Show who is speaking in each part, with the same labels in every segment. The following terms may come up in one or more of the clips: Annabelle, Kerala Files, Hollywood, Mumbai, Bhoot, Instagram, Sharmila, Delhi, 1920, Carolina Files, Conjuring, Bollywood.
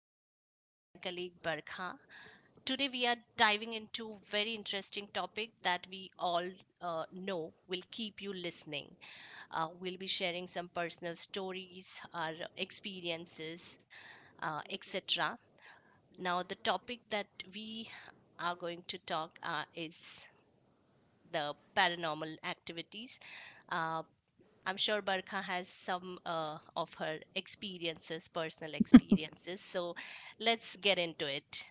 Speaker 1: I'm joined by my colleague Barkha. Today we are diving into very interesting topic that we all know will keep you listening. We'll be sharing some personal stories, our experiences, etc. Now the topic that we are going to talk is the paranormal activities. Uh, I'm sure Barkha has some of her experiences, personal experiences. So let's get into it.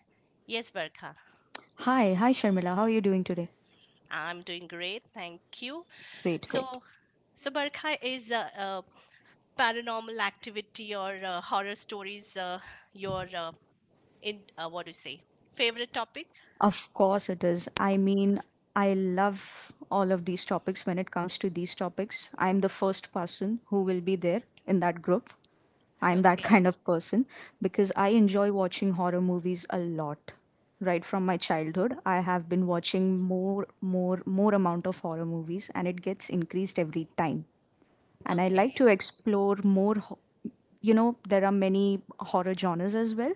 Speaker 1: Yes, Barkha,
Speaker 2: Hi, hi Sharmila. How are you doing today?
Speaker 1: I'm doing great. Thank you. So, so Barkha, is paranormal activity or horror stories your in what do you say favorite topic?
Speaker 2: Of course it is. I mean, I love all of these topics. When it comes to these topics, I'm the first person who will be there in that group. I'm that
Speaker 1: Okay,
Speaker 2: kind of person because I enjoy watching horror movies a lot. Right from my childhood, I have been watching more amount of horror movies and it gets increased every time. And I like
Speaker 1: okay.
Speaker 2: to explore more. You know, there are many horror genres as well,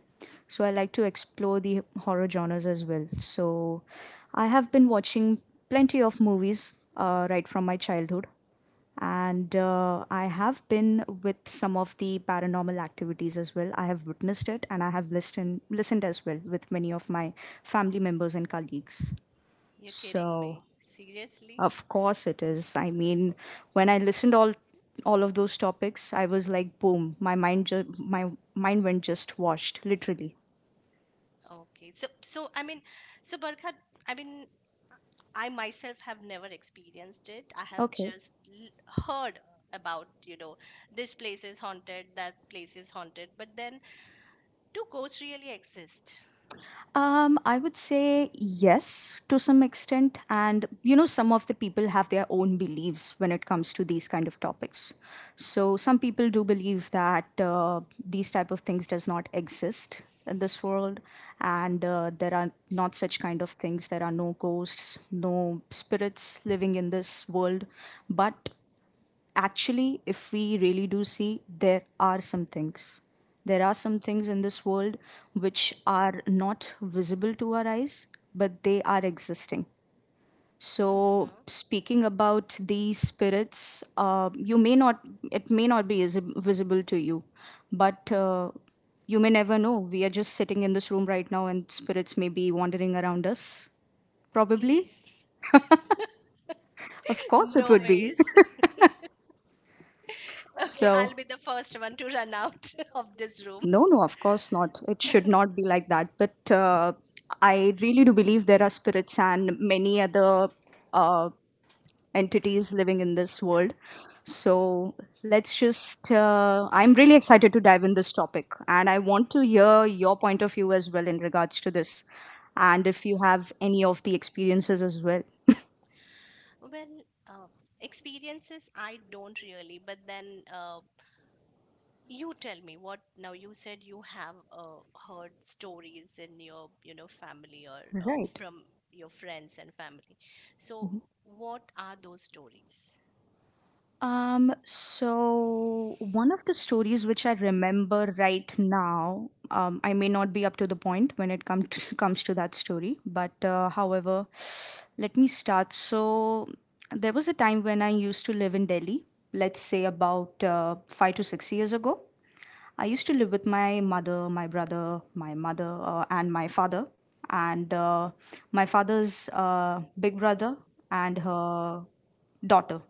Speaker 2: so I like to explore the horror genres as well. So I have been watching plenty of movies right from my childhood, and I have been with some of the paranormal activities as well. I have witnessed it, and I have listened as well with many of my family members and colleagues.
Speaker 1: You're kidding
Speaker 2: So
Speaker 1: me. Seriously?
Speaker 2: of course it is. I mean, when I listened all of those topics, I was like, boom, my mind went just washed, literally.
Speaker 1: Okay. So I mean, so Barkha, I mean, I myself have never experienced it. I have
Speaker 2: Okay.
Speaker 1: just heard about, you know, this place is haunted, that place is haunted. But then, do ghosts really exist?
Speaker 2: I would say yes to some extent, and you know, some of the people have their own beliefs when it comes to these kind of topics. So some people do believe that these type of things does not exist in this world, and there are not such kind of things. There are no ghosts, no spirits living in this world, but actually, if we really do see, there are some things. There are some things in this world which are not visible to our eyes, but they are existing. So,
Speaker 1: Hmm.
Speaker 2: speaking about these spirits, you may not, it may not be visible to you, but you may never know. We are just sitting in this room right now, and spirits may be wandering around us. Probably,
Speaker 1: Please.
Speaker 2: of course, it
Speaker 1: No
Speaker 2: would be.
Speaker 1: ways. Okay, I'll be
Speaker 2: So,
Speaker 1: the first one to run out of this room.
Speaker 2: no, no, of course not. It should not be like that. But I really do believe there are spirits and many other uh, entities living in this world. So let's just, I'm really excited to dive in this topic. And I want to hear your point of view as well in regards to this. And if you have any of the experiences as well.
Speaker 1: Well, uh, experiences, I don't really, but then you tell me what now you said you have heard stories in your, you know, family or
Speaker 2: Right.
Speaker 1: from your friends and family, so what are those stories?
Speaker 2: So one of the stories which I remember right now, I may not be up to the point when it come to, comes to that story, but however, let me start. So there was a time when I used to live in Delhi, let's say about 5 to 6 years ago. I used to live with my brother, my mother, and my father, and my father's big brother and her daughter.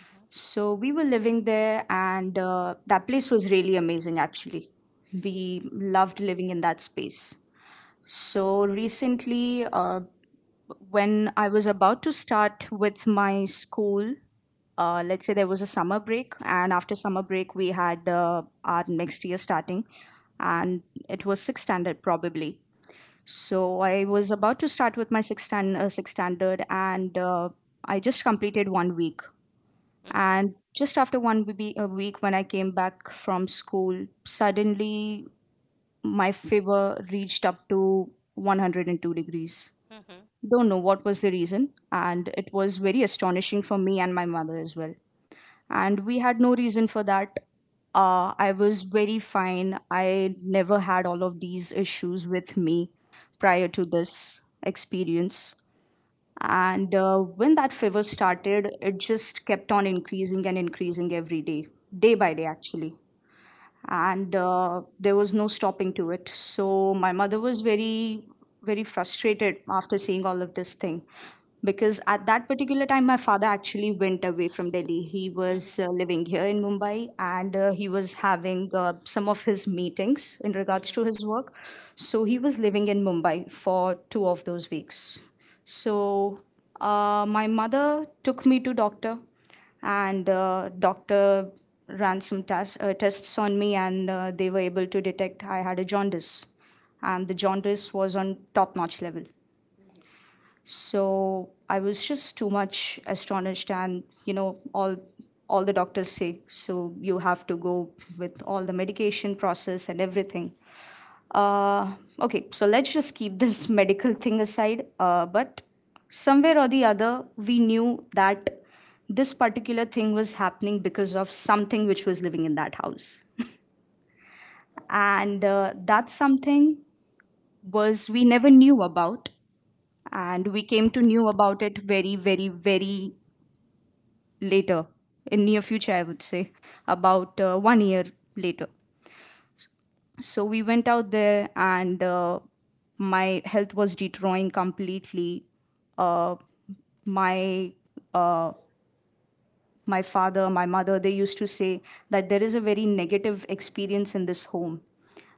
Speaker 1: Mm-hmm,
Speaker 2: So we were living there, and that place was really amazing, actually. We loved living in that space. So recently, when I was about to start with my school, let's say there was a summer break, and after summer break, we had our next year starting, and it was sixth standard probably. So I was about to start with my sixth standard, and I just completed 1 week and
Speaker 1: mm-hmm,
Speaker 2: just after a week, when I came back from school, suddenly my fever reached up to 102 degrees.
Speaker 1: mm-hmm, mm-hmm,
Speaker 2: Don't know what was the reason, and it was very astonishing for me and my mother as well. And we had no reason for that. I was very fine. I never had all of these issues with me prior to this experience. And when that fever started, it just kept on increasing and increasing every day, day by day, actually. And there was no stopping to it. So my mother was very, very frustrated after seeing all of this thing. Because at that particular time, my father actually went away from Delhi. He was living here in Mumbai and he was having some of his meetings in regards
Speaker 1: mm-hmm.
Speaker 2: to his work. So he was living in Mumbai for two of those weeks. So my mother took me to doctor, and doctor ran tests on me, and they were able to detect I had a jaundice, and the jaundice was on top notch level. So I was just too much astonished, and you know, all the doctors say so you have to go with all the medication process and everything. Uh, okay, so let's just keep this medical thing aside. But somewhere or the other, we knew that this particular thing was happening because of something which was living in that house. And that something was we never knew about. And we came to knew about it very, very, very later, in near future, I would say, about 1 year later. So we went out there and my health was deteriorating completely. Uh, my uh, my father, my mother, they used to say that there is a very negative experience in this home,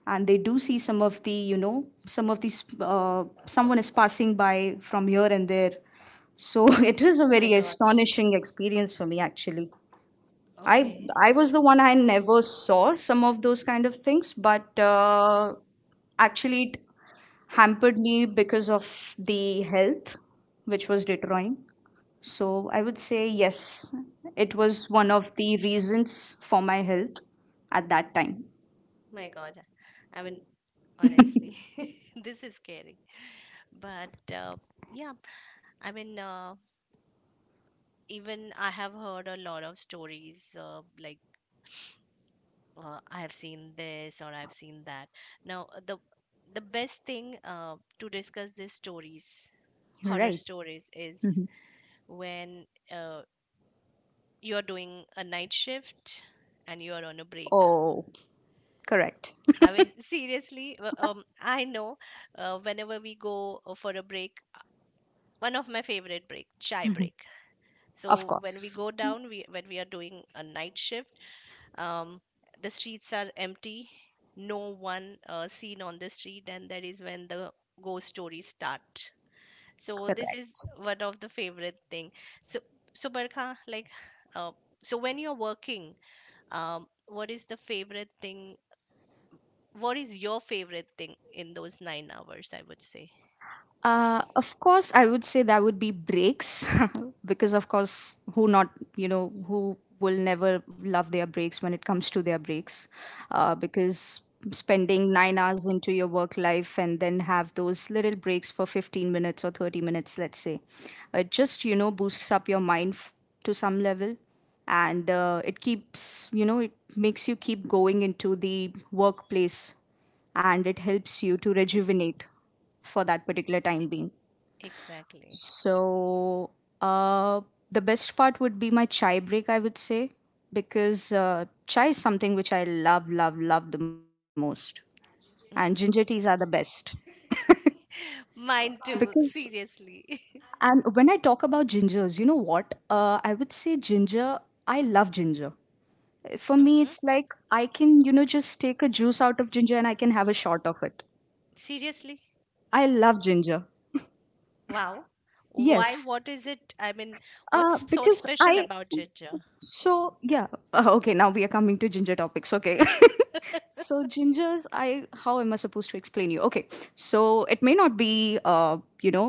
Speaker 2: and they do see some of the, you know, some of these someone is passing by from here and there. So it is a
Speaker 1: My
Speaker 2: very
Speaker 1: god.
Speaker 2: astonishing experience for me, actually. I
Speaker 1: Okay.
Speaker 2: I was the one, I never saw some of those kind of things, but actually it hampered me because of the health, which was deteriorating. So I would say yes, it was one of the reasons for my health at that time.
Speaker 1: My god, I mean, honestly. This is scary. But yeah, I mean, even I have heard a lot of stories like I have seen this or I've seen that. Now, the best thing to discuss these stories, horror
Speaker 2: Right.
Speaker 1: stories, is
Speaker 2: Mhm.
Speaker 1: when uh, you're doing a night shift and you're on a break.
Speaker 2: Oh, correct.
Speaker 1: I mean, seriously, I know whenever we go for a break, one of my favorite break, chai break,
Speaker 2: Of
Speaker 1: so when we
Speaker 2: course.
Speaker 1: go down, we when we are doing a night shift, um, the streets are empty, no one seen on the street, and that is when the ghost stories start. So this is
Speaker 2: Correct.
Speaker 1: one of the favorite thing. So so Barkha, like, uh, so when you're working, what is the favorite thing, what is your favorite thing in those 9 hours, I would say?
Speaker 2: Of course, I would say that would be breaks because, of course, who not, you know, who will never love their breaks when it comes to their breaks? Because spending 9 hours into your work life and then have those little breaks for 15 minutes or 30 minutes, let's say, it just, you know, boosts up your mind to some level, and it keeps, you know, it makes you keep going into the workplace and it helps you to rejuvenate for that particular time being.
Speaker 1: Exactly.
Speaker 2: So, uh, the best part would be my chai break, I would say, because chai is something which I love, love, love the most. And ginger teas
Speaker 1: Hmm.
Speaker 2: are the best.
Speaker 1: Mine too,
Speaker 2: Because,
Speaker 1: seriously.
Speaker 2: and when I talk about gingers, you know what? I would say ginger, I love ginger. For me,
Speaker 1: Hmm.
Speaker 2: it's like I can, you know, just take a juice out of ginger and I can have a shot of it.
Speaker 1: Seriously?
Speaker 2: I love ginger.
Speaker 1: Wow. Why?
Speaker 2: Yes.
Speaker 1: What is it? I mean, what's so
Speaker 2: Because
Speaker 1: special
Speaker 2: I
Speaker 1: about ginger?
Speaker 2: So yeah, okay. Now we are coming to ginger topics. Okay. So gingers, I how am I supposed to explain you? Okay. So it may not be uh, you know,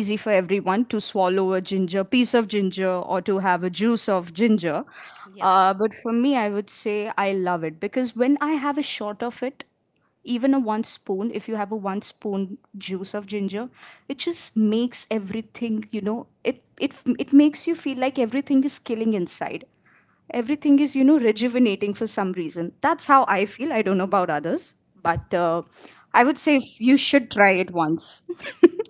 Speaker 2: easy for everyone to swallow a ginger, piece of ginger, or to have a juice of ginger,
Speaker 1: Yep,
Speaker 2: but for me I would say I love it because when I have a shot of it, even a one spoon, if you have a one spoon juice of ginger, it just makes everything, you know, it makes you feel like everything is killing inside, everything is, you know, rejuvenating for some reason. That's how I feel. I don't know about others, but I would say you should try it once.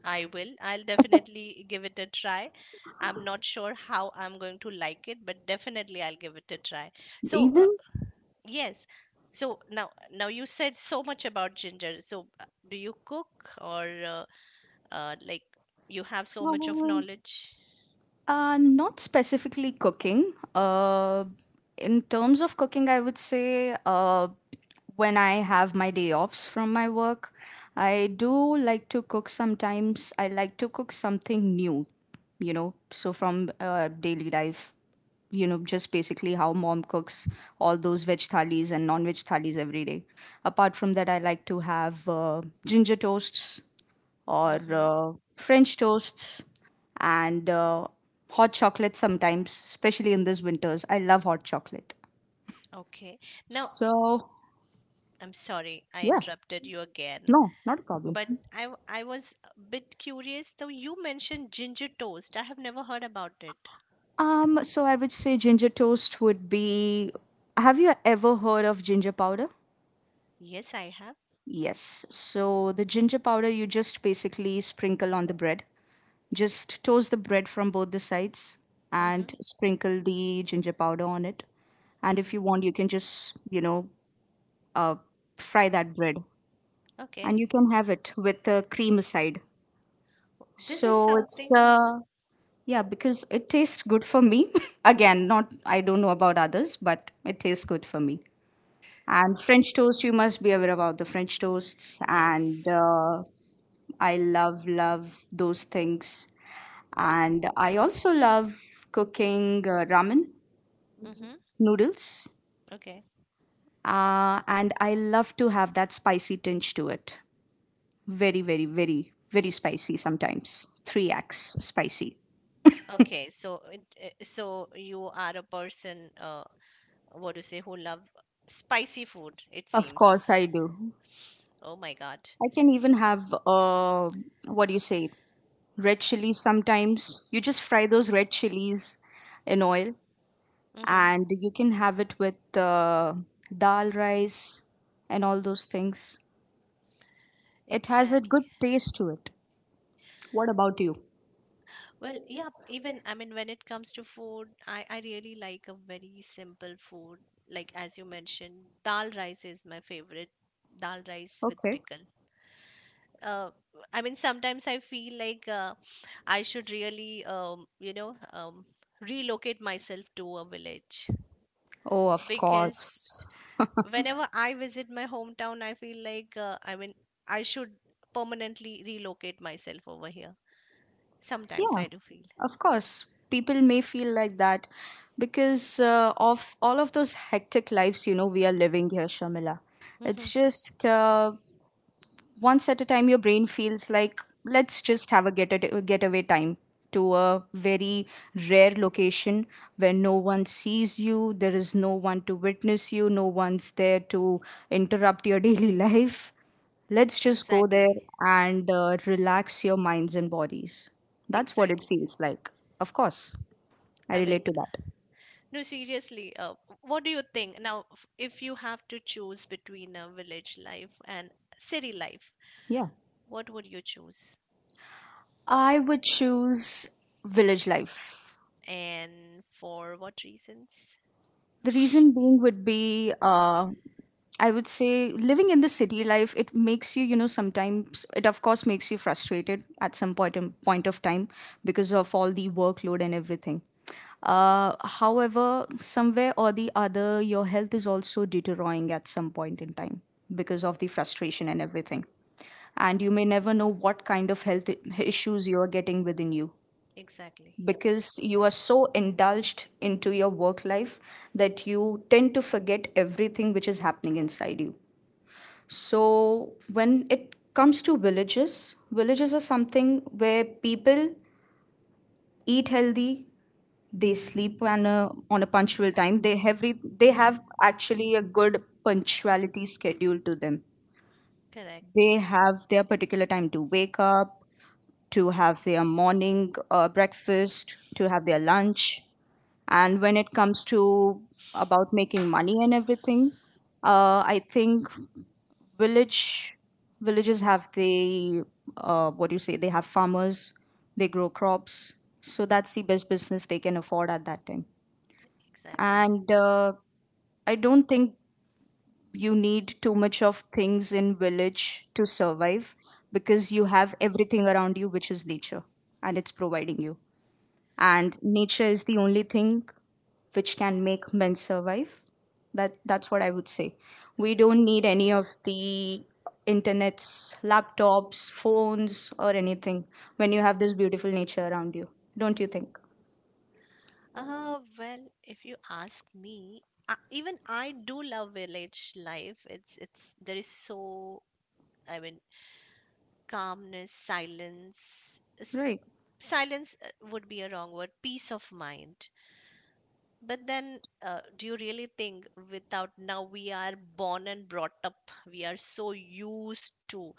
Speaker 1: I will. I'll definitely give it a try. I'm not sure how I'm going to like it, but definitely I'll give it a try. So,
Speaker 2: Even
Speaker 1: yes. So now, you said so much about ginger. So, do you cook or like you have so much of
Speaker 2: um,
Speaker 1: knowledge?
Speaker 2: uh, not specifically cooking. In terms of cooking, I would say when I have my day offs from my work, I do like to cook sometimes. I like to cook something new, you know, so from daily life, you know, just basically how mom cooks all those veg thalis and non veg thalis every day. Apart from that, I like to have ginger toasts or French toasts and hot chocolate sometimes, especially in these winters. I love hot chocolate.
Speaker 1: Okay. Now, y-
Speaker 2: So,
Speaker 1: I'm sorry I
Speaker 2: yeah,
Speaker 1: interrupted you again,
Speaker 2: no, not a problem.
Speaker 1: but I was a bit curious, though, you mentioned ginger toast. I have never heard about it.
Speaker 2: So I would say ginger toast would be. Have you ever heard of ginger powder?
Speaker 1: Yes, I have.
Speaker 2: Yes. So the ginger powder you just basically sprinkle on the bread. Just toast the bread from both the sides
Speaker 1: Mm-hmm.
Speaker 2: and sprinkle the ginger powder on it. And if you
Speaker 1: Mm-hmm.
Speaker 2: want, you can just, you know, uh, fry that bread,
Speaker 1: Okay.
Speaker 2: and you can have it with the cream aside.
Speaker 1: This is
Speaker 2: So it's
Speaker 1: something new.
Speaker 2: yeah, because it tastes good for me. Again, not I don't know about others, but it tastes good for me. And French toast, you must be aware about the French toasts, and
Speaker 1: Yes.
Speaker 2: I love love those things. And I also love cooking ramen
Speaker 1: Mm-hmm.
Speaker 2: noodles,
Speaker 1: Okay.
Speaker 2: and I love to have that spicy tinge to it. Very, very, very, very spicy sometimes. 3x spicy.
Speaker 1: Okay. So you are a person, what to say, who love spicy food, it
Speaker 2: Of course,
Speaker 1: seems.
Speaker 2: I do.
Speaker 1: Oh my God.
Speaker 2: I can even have, what do you say, red chilies sometimes. You just fry those red chilies in oil
Speaker 1: Mm-hmm.
Speaker 2: and you can have it with dal rice and all those things. It has a
Speaker 1: Exactly.
Speaker 2: good taste to it. What about you?
Speaker 1: Well, yeah, even I mean, when it comes to food, I really like a very simple food. Like as you mentioned, dal rice is my favorite. Dal rice with
Speaker 2: Okay.
Speaker 1: pickle. Uh, I mean, sometimes I feel like I should really, you know, relocate myself to a village,
Speaker 2: Oh, of
Speaker 1: because
Speaker 2: course.
Speaker 1: whenever I visit my hometown, I feel like I mean I should permanently relocate myself over here. Sometimes
Speaker 2: Yeah,
Speaker 1: I do feel.
Speaker 2: of course. People may feel like that because of all of those hectic lives, you know, we are living here, Shamila.
Speaker 1: Mhm.
Speaker 2: It's just once at a time your brain feels like let's just have a get a getaway time to a very rare location where no one sees you, there is no one to witness you, no one's there to interrupt your daily life. Let's just go there
Speaker 1: Exactly.
Speaker 2: and relax your minds and bodies. That's what it
Speaker 1: Exactly.
Speaker 2: feels like. Of course, I
Speaker 1: I mean,
Speaker 2: relate to that.
Speaker 1: no, seriously. What do you think now? If you have to choose between a village life and city life,
Speaker 2: Yeah,
Speaker 1: what would you choose,
Speaker 2: I would choose village life.
Speaker 1: and for what reasons?
Speaker 2: The reason being would be I would say living in the city life, it makes you, you know, sometimes it of course makes you frustrated at some point of time because of all the workload and everything. uh, However, somewhere or the other, your health is also deteriorating at some point in time because of the frustration and everything, and you may never know what kind of health issues you are getting within you
Speaker 1: Exactly. Yep.
Speaker 2: because you are so indulged into your work life that you tend to forget everything which is happening inside you. So, when it comes to villages, villages are something where people eat healthy, they sleep on on a punctual time, they
Speaker 1: Hmm.
Speaker 2: have actually a good punctuality schedule to them.
Speaker 1: Correct.
Speaker 2: They have their particular time to wake up, to have their morning breakfast, to have their lunch, and when it comes to about making money and everything, I think village villages have the, what do you say, they have farmers, they grow crops, so that's the best business they can afford at that time.
Speaker 1: Exactly.
Speaker 2: And I don't think you need too much of things in village to survive because you have everything around you which is nature, and it's providing you, and nature is the only thing which can make men survive. That's what I would say. We don't need any of the internets, laptops, phones, or anything when you have this beautiful nature around you. Don't you think?
Speaker 1: Well, if you ask me, even I do love village life. It's there is so, I mean, calmness, silence.
Speaker 2: Right,
Speaker 1: Silence would be a wrong word. Peace of mind. But then, do you really think without, now we are born and brought up, we are so used to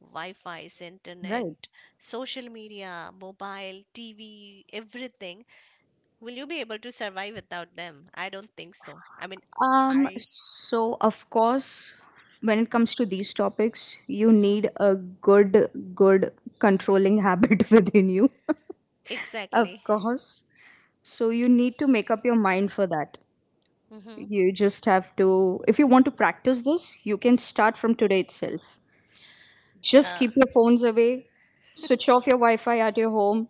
Speaker 1: Wi-Fi's,
Speaker 2: right.
Speaker 1: internet, social media, mobile, TV, everything. Will you be able to survive without them? I don't think so. I mean,
Speaker 2: Um,
Speaker 1: I.
Speaker 2: so of course, when it comes to these topics, you
Speaker 1: Mhm.
Speaker 2: need a good, good controlling habit within you. Of
Speaker 1: Exactly.
Speaker 2: course. So you need to make up your mind for that.
Speaker 1: Hmm.
Speaker 2: You just have to, if you want to practice this, you can start from today itself. Just
Speaker 1: Uh,
Speaker 2: keep your phones away, switch off your Wi Fi at your home,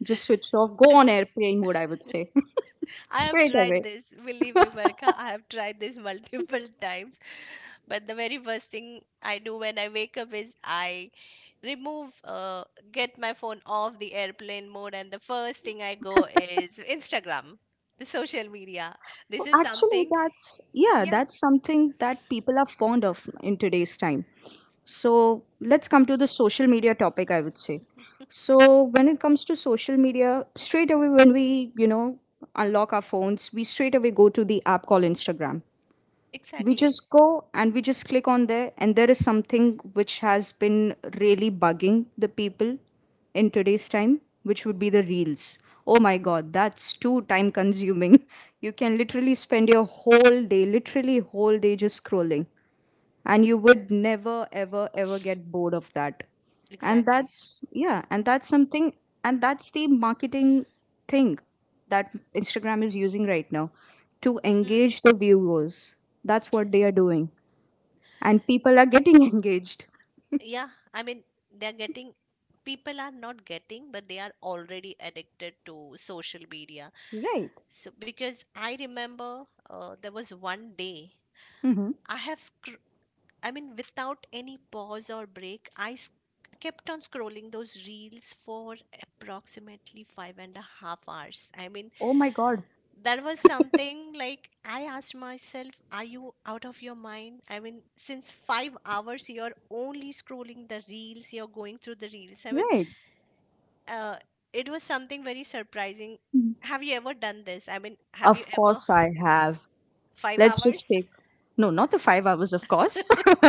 Speaker 2: just switch off, go on airplane mode, I would say,
Speaker 1: I have
Speaker 2: straight away.
Speaker 1: tried this, believe me, Marika. I have tried this multiple times. But the very first thing I do when I wake up is I remove get my phone off the airplane mode, and the first thing I go is Instagram, the social media. This is
Speaker 2: Actually,
Speaker 1: something.
Speaker 2: that's, yeah,
Speaker 1: Yeah.
Speaker 2: that's something that people are fond of in today's time. So let's come to the social media topic, I would say. So when it comes to social media, straight away when we, you know, unlock our phones, we straight away go to the app called Instagram. We
Speaker 1: Exactly.
Speaker 2: just go and we just click on there, and there is something which has been really bugging the people in today's time, which would be the reels. Oh my god, that's too time consuming. You can literally spend your whole day, literally whole day, just scrolling, and you would never ever ever get bored of that. And
Speaker 1: Exactly.
Speaker 2: that's, yeah, and that's something, and that's the marketing thing that Instagram is using right now to
Speaker 1: Mhm.
Speaker 2: engage the viewers. That's what they are doing, and people are getting engaged.
Speaker 1: Yeah, I mean, they're getting, people are not getting, but they are already addicted to social media.
Speaker 2: Right.
Speaker 1: So because I remember, there was one day
Speaker 2: Mm-hmm.
Speaker 1: I have I mean, without any pause or break, kept on scrolling those reels for approximately 5.5 hours. I mean,
Speaker 2: Oh my God.
Speaker 1: there was something like I asked myself, are you out of your mind? I mean, since 5 hours, you're only scrolling the reels, you're going through the reels. I mean,
Speaker 2: Right.
Speaker 1: uh, it was something very surprising. Have you ever done this? I mean, have you
Speaker 2: Of
Speaker 1: ever
Speaker 2: course I have.
Speaker 1: five
Speaker 2: Let's just
Speaker 1: hours?
Speaker 2: take, no, not the 5 hours, of course.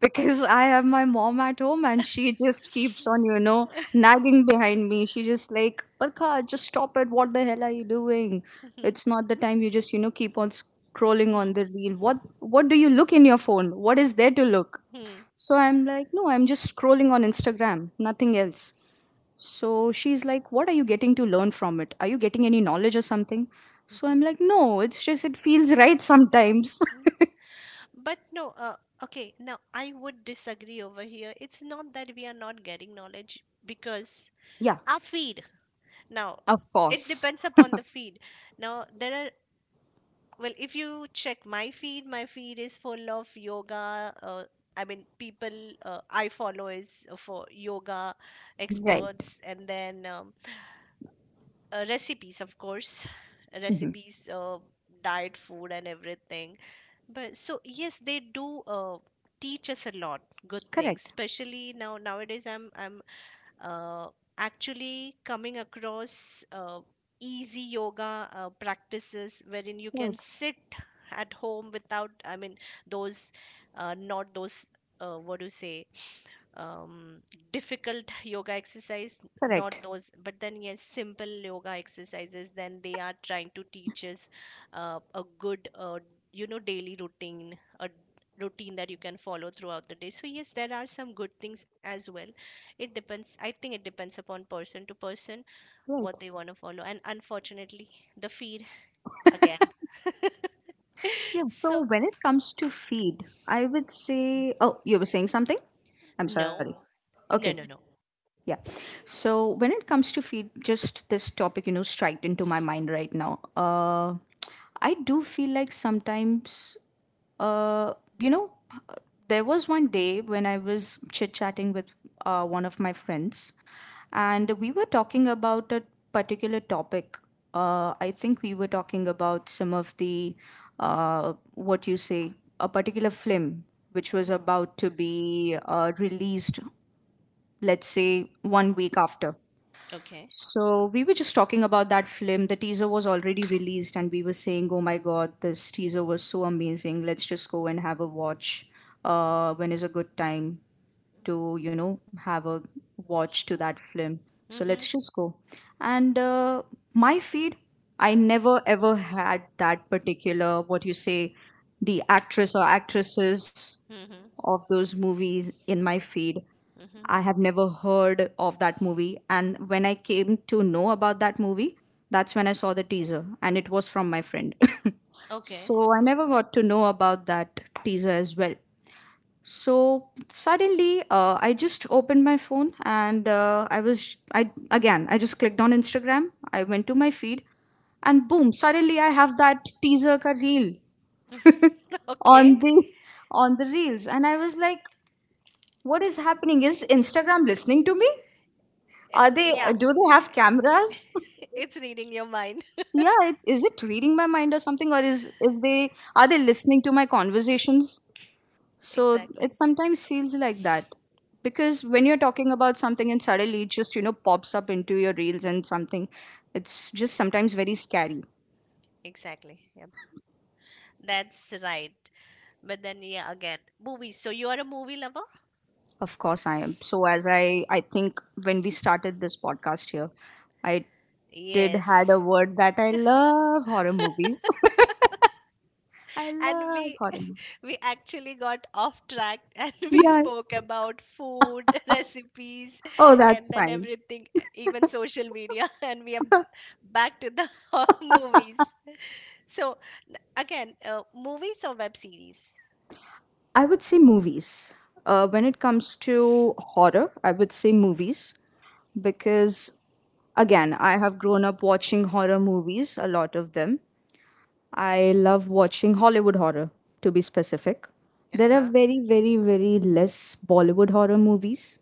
Speaker 2: Because I have my mom at home and she just keeps on, you know, nagging behind me. She just like, Parkha, just stop it. What the hell are you doing?
Speaker 1: Mhm.
Speaker 2: It's not the time you just, you know, keep on scrolling
Speaker 1: Mhm.
Speaker 2: on the reel. What do you look in your phone? What is there to look? So I'm like, no, I'm just scrolling on Instagram, nothing else. So she's like, what are you getting to learn from it? Are you getting any knowledge or something?
Speaker 1: Mhm.
Speaker 2: So I'm
Speaker 1: Mhm.
Speaker 2: like, no, it's just it feels right sometimes.
Speaker 1: But no, okay, now I would disagree over here. It's not that we are not getting knowledge because
Speaker 2: Yeah,
Speaker 1: our feed. Now,
Speaker 2: of
Speaker 1: it
Speaker 2: course.
Speaker 1: depends upon the feed. Now, there are, well, if you check my feed is full of yoga. I mean, people I follow is for yoga
Speaker 2: Right.
Speaker 1: experts, and then recipes, of course,
Speaker 2: Mhm.
Speaker 1: recipes, diet food, and everything, but so yes, they do teach us a lot good things,
Speaker 2: Correct.
Speaker 1: especially now nowadays I'm uh, actually coming across easy yoga practices wherein you can
Speaker 2: Right,
Speaker 1: sit at home without, I mean, those not those, what do you say, um, difficult yoga exercise, not
Speaker 2: correct.
Speaker 1: those, but then yes, simple yoga exercises, then they are trying to teach us a good, you know, daily routine, a routine that you can follow throughout the day. So yes, there are some good things as well. It depends. I think it depends upon person to person
Speaker 2: Right.
Speaker 1: what they want to follow. And unfortunately, the feed again.
Speaker 2: Yeah, so
Speaker 1: So,
Speaker 2: when it comes to feed, I would say, oh, you were saying something? I'm sorry.
Speaker 1: no,
Speaker 2: Okay.
Speaker 1: no, no, no.
Speaker 2: Yeah. So when it comes to feed, just this topic, you know, striked into my mind right now. I do feel like sometimes, you know, there was one day when I was chit chatting with one of my friends, and we were talking about a particular topic. I think we were talking about some of the, what you say, a particular film which was
Speaker 1: Hmm.
Speaker 2: about to be released, let's say 1 week after.
Speaker 1: Okay.
Speaker 2: So we were just talking about that film. The teaser was already released, and we were saying, "Oh my god, this teaser was so amazing! Let's just go and have a watch. When is a good time to, you know, have a watch to that film? So
Speaker 1: Mm-hmm.
Speaker 2: let's just go." And my feed, I never ever had that particular, what you say, the actress or actresses
Speaker 1: Mm-hmm.
Speaker 2: of those movies in my feed.
Speaker 1: Mm-hmm.
Speaker 2: I have never heard of that movie. And when I came to know about that movie, that's when I saw the teaser, and it was from my friend.
Speaker 1: Okay.
Speaker 2: So I never got to know about that teaser as well. So suddenly, I just opened my phone and I again, I just clicked on Instagram. I went to my feed, and boom! Suddenly, I have that teaser ka reel on
Speaker 1: Okay.
Speaker 2: the on the reels, and I was like, what is happening? Is Instagram listening to me?
Speaker 1: Uh,
Speaker 2: Are they?
Speaker 1: Yeah,
Speaker 2: Do they have cameras?
Speaker 1: it's reading your mind.
Speaker 2: Yeah. It's, is it reading my mind or something, or is they? Are they listening to my conversations? So
Speaker 1: Exactly.
Speaker 2: it sometimes feels like that because when you're talking about something and suddenly it just, you know, pops up into your reels and something, it's just sometimes very scary.
Speaker 1: Exactly. Yep. That's right. But then, yeah, again, movies. So you are a movie lover?
Speaker 2: Of course, I am. So as I think when we started this podcast here, I did had a
Speaker 1: Yes.
Speaker 2: word that I love horror movies. I
Speaker 1: And
Speaker 2: love horror movies.
Speaker 1: we actually got off track, and we spoke
Speaker 2: Yes.
Speaker 1: about food, recipes,
Speaker 2: Oh, that's
Speaker 1: and then
Speaker 2: fine.
Speaker 1: everything, even social media. And we are back to the movies. So, again, movies or web series?
Speaker 2: I would say movies. When it comes to horror, I would say movies because, again, I have grown up watching horror movies, a lot of them. I love watching Hollywood horror, to be specific.
Speaker 1: Uh
Speaker 2: There are
Speaker 1: huh.
Speaker 2: very, very, very less Bollywood horror movies,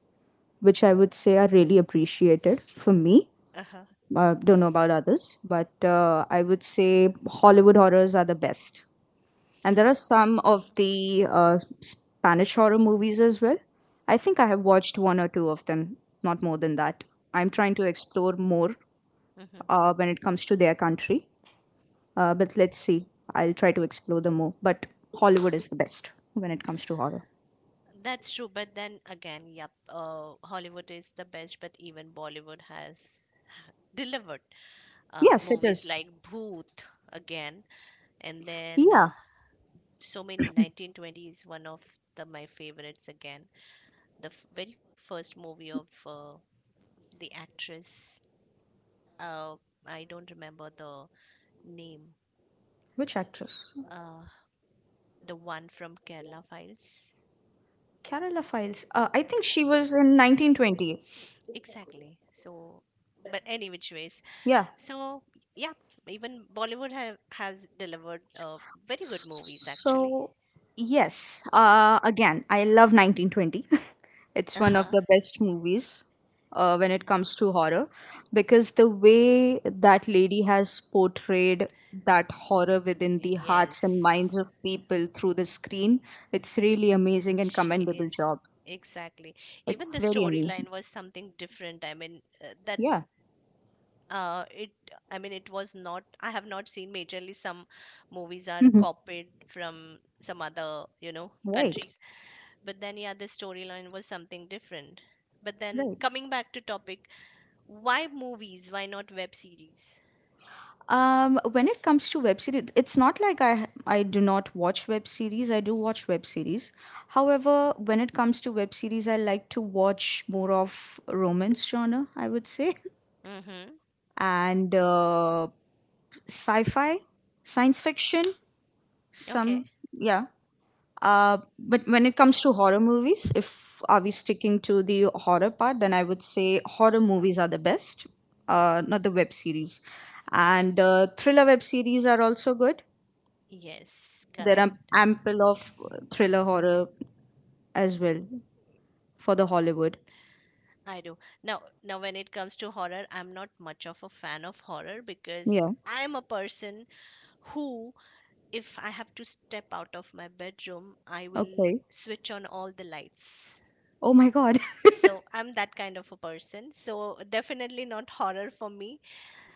Speaker 2: which I would say are really appreciated for me.
Speaker 1: Uh huh.
Speaker 2: I don't know about others, but I would say Hollywood horrors are the best. And there are some
Speaker 1: Mhm.
Speaker 2: of the Spanish horror movies as well. I think I have watched one or two of them, not more than that. I'm trying to explore more
Speaker 1: Mhm.
Speaker 2: when it comes to their country. But let's see. I'll try to explore them more. But Hollywood is the best when it comes to horror.
Speaker 1: That's true, but then again, yep, Hollywood is the best, but even Bollywood has delivered
Speaker 2: Yes, it
Speaker 1: movies
Speaker 2: is.
Speaker 1: like Bhoot again, and then
Speaker 2: Yeah.
Speaker 1: so many. 1920 is one of the my favorites, again, the very first movie of the actress, uh, I don't remember the name,
Speaker 2: Which actress?
Speaker 1: uh, the one from Kerala Files.
Speaker 2: Carolina Files. I think she was in 1920.
Speaker 1: Exactly. So but any which ways,
Speaker 2: Yeah.
Speaker 1: so yeah, even Bollywood has delivered very good movies, actually.
Speaker 2: So, yes, again, I love 1920. It's one of
Speaker 1: Uh-huh.
Speaker 2: the best movies when it comes to horror because the way that lady has portrayed that horror within the hearts and minds of people through
Speaker 1: Yes.
Speaker 2: the screen, it's really amazing and
Speaker 1: She
Speaker 2: commendable
Speaker 1: is
Speaker 2: job.
Speaker 1: exactly. Even
Speaker 2: It's
Speaker 1: the
Speaker 2: very amazing.
Speaker 1: storyline was something different. I mean, that
Speaker 2: Yeah.
Speaker 1: it. I mean, it was not. I have not seen majorly, some movies are
Speaker 2: Mhm.
Speaker 1: copied from some other, you know,
Speaker 2: Right.
Speaker 1: countries. But then, yeah, the storyline was something different. But then,
Speaker 2: Right.
Speaker 1: coming back to topic, why movies? Why not web series?
Speaker 2: When it comes to web series, it's not like I do not watch web series. I do watch web series. However, when it comes to web series, I like to watch more of romance genre, I would say,
Speaker 1: Mm-hmm.
Speaker 2: and sci-fi, science fiction.
Speaker 1: Okay.
Speaker 2: Some, yeah. But when it comes to horror movies, if are we sticking to the horror part, then I would say horror movies are the best. Not the web series, and thriller web series are also good.
Speaker 1: Yes,
Speaker 2: There
Speaker 1: correct.
Speaker 2: are ample of thriller horror as well for the Hollywood.
Speaker 1: I do. Now when it comes to horror, I'm not much of a fan of horror because
Speaker 2: Yeah.
Speaker 1: I'm a person who, if I have to step out of my bedroom, I will
Speaker 2: Okay.
Speaker 1: switch on all the lights.
Speaker 2: Oh my God.
Speaker 1: So I'm that kind of a person. So definitely not horror for me.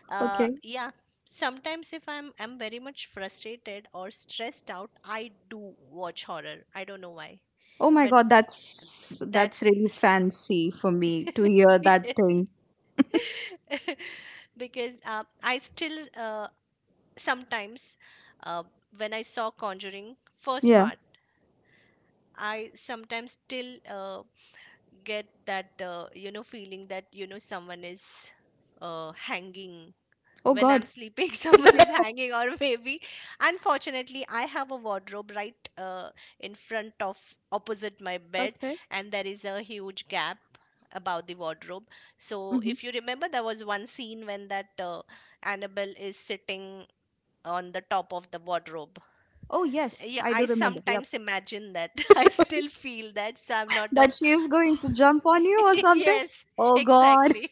Speaker 2: Okay.
Speaker 1: Yeah. Sometimes if I'm very much frustrated or stressed out, I do watch horror. I don't know why,
Speaker 2: Oh my
Speaker 1: but
Speaker 2: God,
Speaker 1: uh, that
Speaker 2: that's really fancy for me to hear that thing.
Speaker 1: because I still sometimes uh, when I saw Conjuring first
Speaker 2: Yeah.
Speaker 1: part, I sometimes still get that you know feeling that, you know, someone is hanging
Speaker 2: Oh
Speaker 1: when I'm
Speaker 2: God.
Speaker 1: sleeping, someone is hanging or maybe. Unfortunately, I have a wardrobe right in front of, opposite my bed,
Speaker 2: Okay.
Speaker 1: and there is a huge gap about the wardrobe. So,
Speaker 2: Hmm.
Speaker 1: if you remember, there was one scene when that Annabelle is sitting on the top of the wardrobe.
Speaker 2: Oh yes,
Speaker 1: Yeah,
Speaker 2: I do
Speaker 1: I
Speaker 2: remember. Yep.
Speaker 1: sometimes imagine that. I still feel that. So, I'm not a.
Speaker 2: That she is going to jump on you or something.
Speaker 1: Yes,
Speaker 2: Oh God.
Speaker 1: exactly.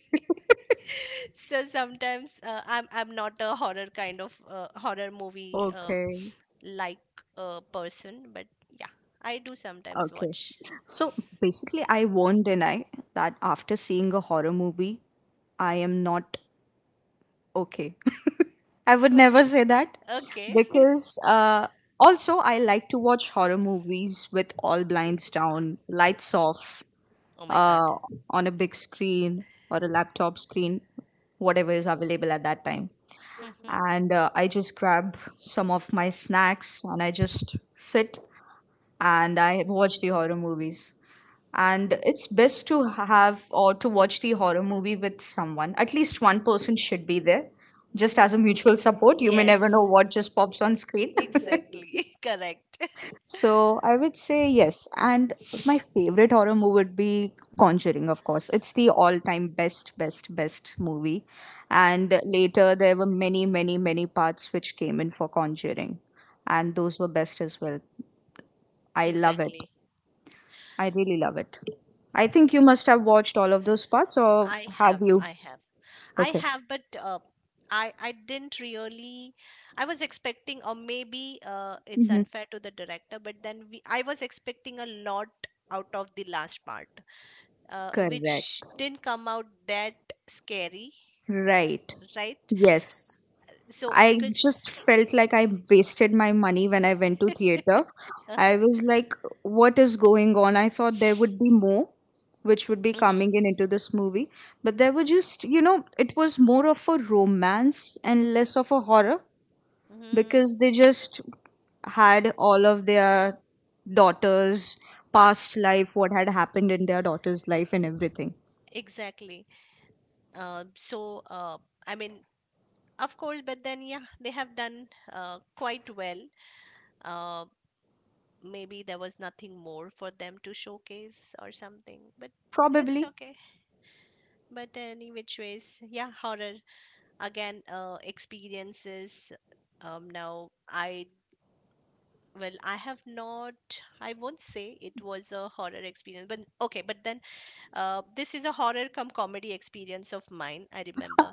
Speaker 1: So sometimes I'm not a horror kind of horror movie
Speaker 2: Okay.
Speaker 1: like person, but yeah, I do sometimes
Speaker 2: Okay.
Speaker 1: watch.
Speaker 2: So basically, I won't deny that after seeing a horror movie, I am not okay. I would never say that
Speaker 1: Okay.
Speaker 2: because also I like to watch horror movies with all blinds down, lights off,
Speaker 1: Oh my god.
Speaker 2: uh, on a big screen or a laptop screen, whatever is available at that time.
Speaker 1: Mhm,
Speaker 2: And I just grab some of my snacks and I just sit and I watch the horror movies, and it's best to have or to watch the horror movie with someone, at least one person should be there just
Speaker 1: mhm.
Speaker 2: as a mutual support. You may
Speaker 1: Yes.
Speaker 2: never know what just pops on screen.
Speaker 1: E- Exactly. Correct.
Speaker 2: So I would say yes, and my favorite horror movie would be Conjuring, of course. It's the all time best best best movie, and later there were many many many parts which came in for Conjuring, and those were best as well. I love it.
Speaker 1: Exactly.
Speaker 2: I really love it. I think you must have watched all of those parts, or
Speaker 1: I
Speaker 2: have
Speaker 1: have.
Speaker 2: you?
Speaker 1: I have. I have, but I didn't really. I was expecting, or maybe it's
Speaker 2: Hmm.
Speaker 1: unfair to the director, but then we, I was expecting a lot out of the last part, which
Speaker 2: Correct.
Speaker 1: didn't come out that scary,
Speaker 2: Right.
Speaker 1: right?
Speaker 2: Yes.
Speaker 1: So I
Speaker 2: I
Speaker 1: because.
Speaker 2: just felt like I wasted my money when I went to theater. I was like, what is going on? I thought there would be more, which would be
Speaker 1: Hmm.
Speaker 2: coming in into this movie. But there were just, you know, it was more of a romance and less of a horror
Speaker 1: Hmm.
Speaker 2: because they just had all of their daughter's past life, what had happened in their daughter's life, and everything.
Speaker 1: Exactly. Uh, so, uh, I mean, of course, but then, yeah, they have done quite well. uh, maybe there was nothing more for them to showcase or something, but it's
Speaker 2: Probably.
Speaker 1: okay. But any which ways, yeah, horror again, experiences, now I, well, I have not, I won't say it was a horror experience, but okay, but then this is a horror cum comedy experience of mine, I remember.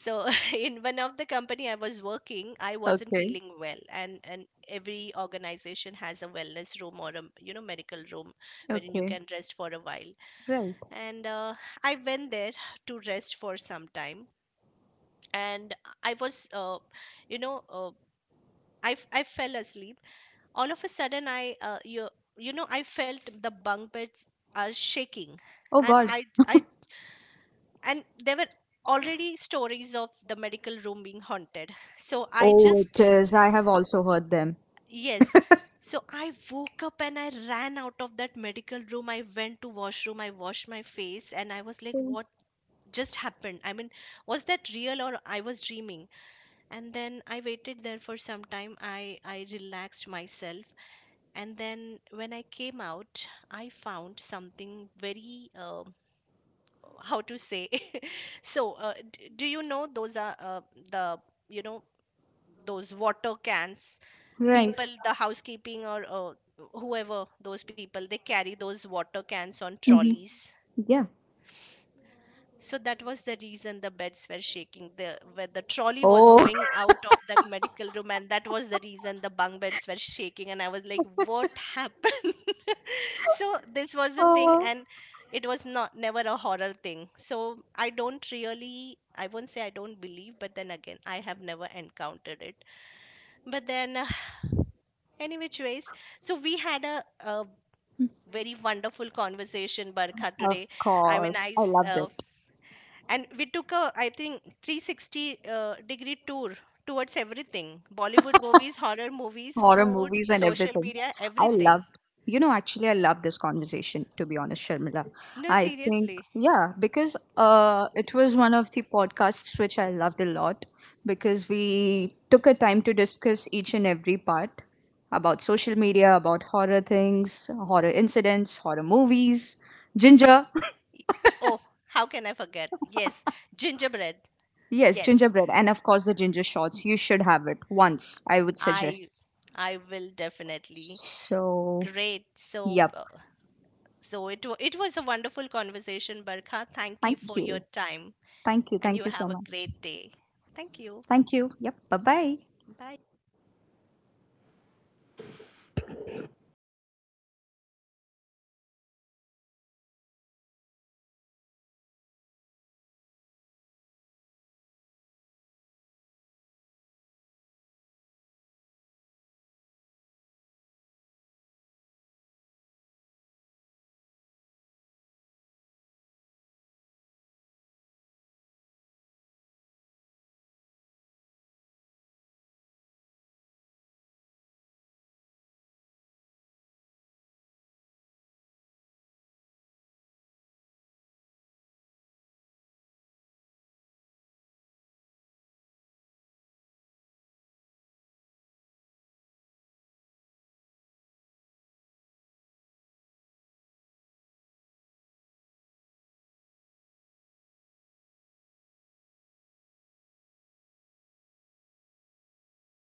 Speaker 1: So in one of the company I was working, I wasn't
Speaker 2: Okay.
Speaker 1: feeling well, and every organization has a wellness room or a, you know, medical room wherein you
Speaker 2: Okay.
Speaker 1: can rest for a while.
Speaker 2: Right.
Speaker 1: And I went there to rest for some time, and I was you know, I fell asleep. All of a sudden, I you, you know, I felt the bunk beds are shaking,
Speaker 2: Oh
Speaker 1: and
Speaker 2: God.
Speaker 1: I and there were already stories of the medical room being haunted, so I
Speaker 2: Oh, it
Speaker 1: just,
Speaker 2: is. I have also heard them.
Speaker 1: yes. So I woke up and I ran out of that medical room, I went to washroom, I washed my face, and I was like, what just happened? I mean, was that real, or I was dreaming? And then I waited there for some time, I relaxed myself, and then when I came out, I found something very how to say. So do you know those are the, you know, those water cans,
Speaker 2: Right.
Speaker 1: people the housekeeping or whoever, those people, they carry those water cans on
Speaker 2: Hmm.
Speaker 1: trolleys.
Speaker 2: Yeah.
Speaker 1: So that was the reason the beds were shaking. The where the trolley was going
Speaker 2: Oh.
Speaker 1: out of that medical room, and that was the reason the bunk beds were shaking. And I was like, "What happened?" So this was the thing,
Speaker 2: Oh.
Speaker 1: and it was not never a horror thing. So I don't really, I won't say I don't believe, but then again, I have never encountered it. But then, any which ways, so we had a very wonderful conversation, Barkha, today.
Speaker 2: Of
Speaker 1: I mean,
Speaker 2: course. I loved it.
Speaker 1: and we took a, I think, 360 degree tour towards everything, Bollywood movies, horror movies,
Speaker 2: Horror
Speaker 1: food,
Speaker 2: movies and
Speaker 1: social
Speaker 2: everything.
Speaker 1: media,
Speaker 2: I
Speaker 1: everything.
Speaker 2: love, you know, actually, I love this conversation, to be honest, Sharmila.
Speaker 1: No,
Speaker 2: I think,
Speaker 1: seriously.
Speaker 2: yeah, because it was one of the podcasts which I loved a lot because we took a time to discuss each and every part about social media, about horror things, horror incidents, horror movies, ginger.
Speaker 1: Oh, how can I forget? Yes, gingerbread.
Speaker 2: Yes,
Speaker 1: Yes,
Speaker 2: gingerbread. And of course, the ginger shots. You should have it once, I would
Speaker 1: I
Speaker 2: suggest.
Speaker 1: I will definitely.
Speaker 2: So,
Speaker 1: Great. So
Speaker 2: yep.
Speaker 1: uh, so it was a wonderful conversation, Barkha. Thank you
Speaker 2: Thank
Speaker 1: for your
Speaker 2: you.
Speaker 1: time
Speaker 2: Thank you.
Speaker 1: and you
Speaker 2: Thank you so
Speaker 1: have a
Speaker 2: much.
Speaker 1: great day. Thank you.
Speaker 2: Thank you. Yep. Bye bye.
Speaker 1: Bye.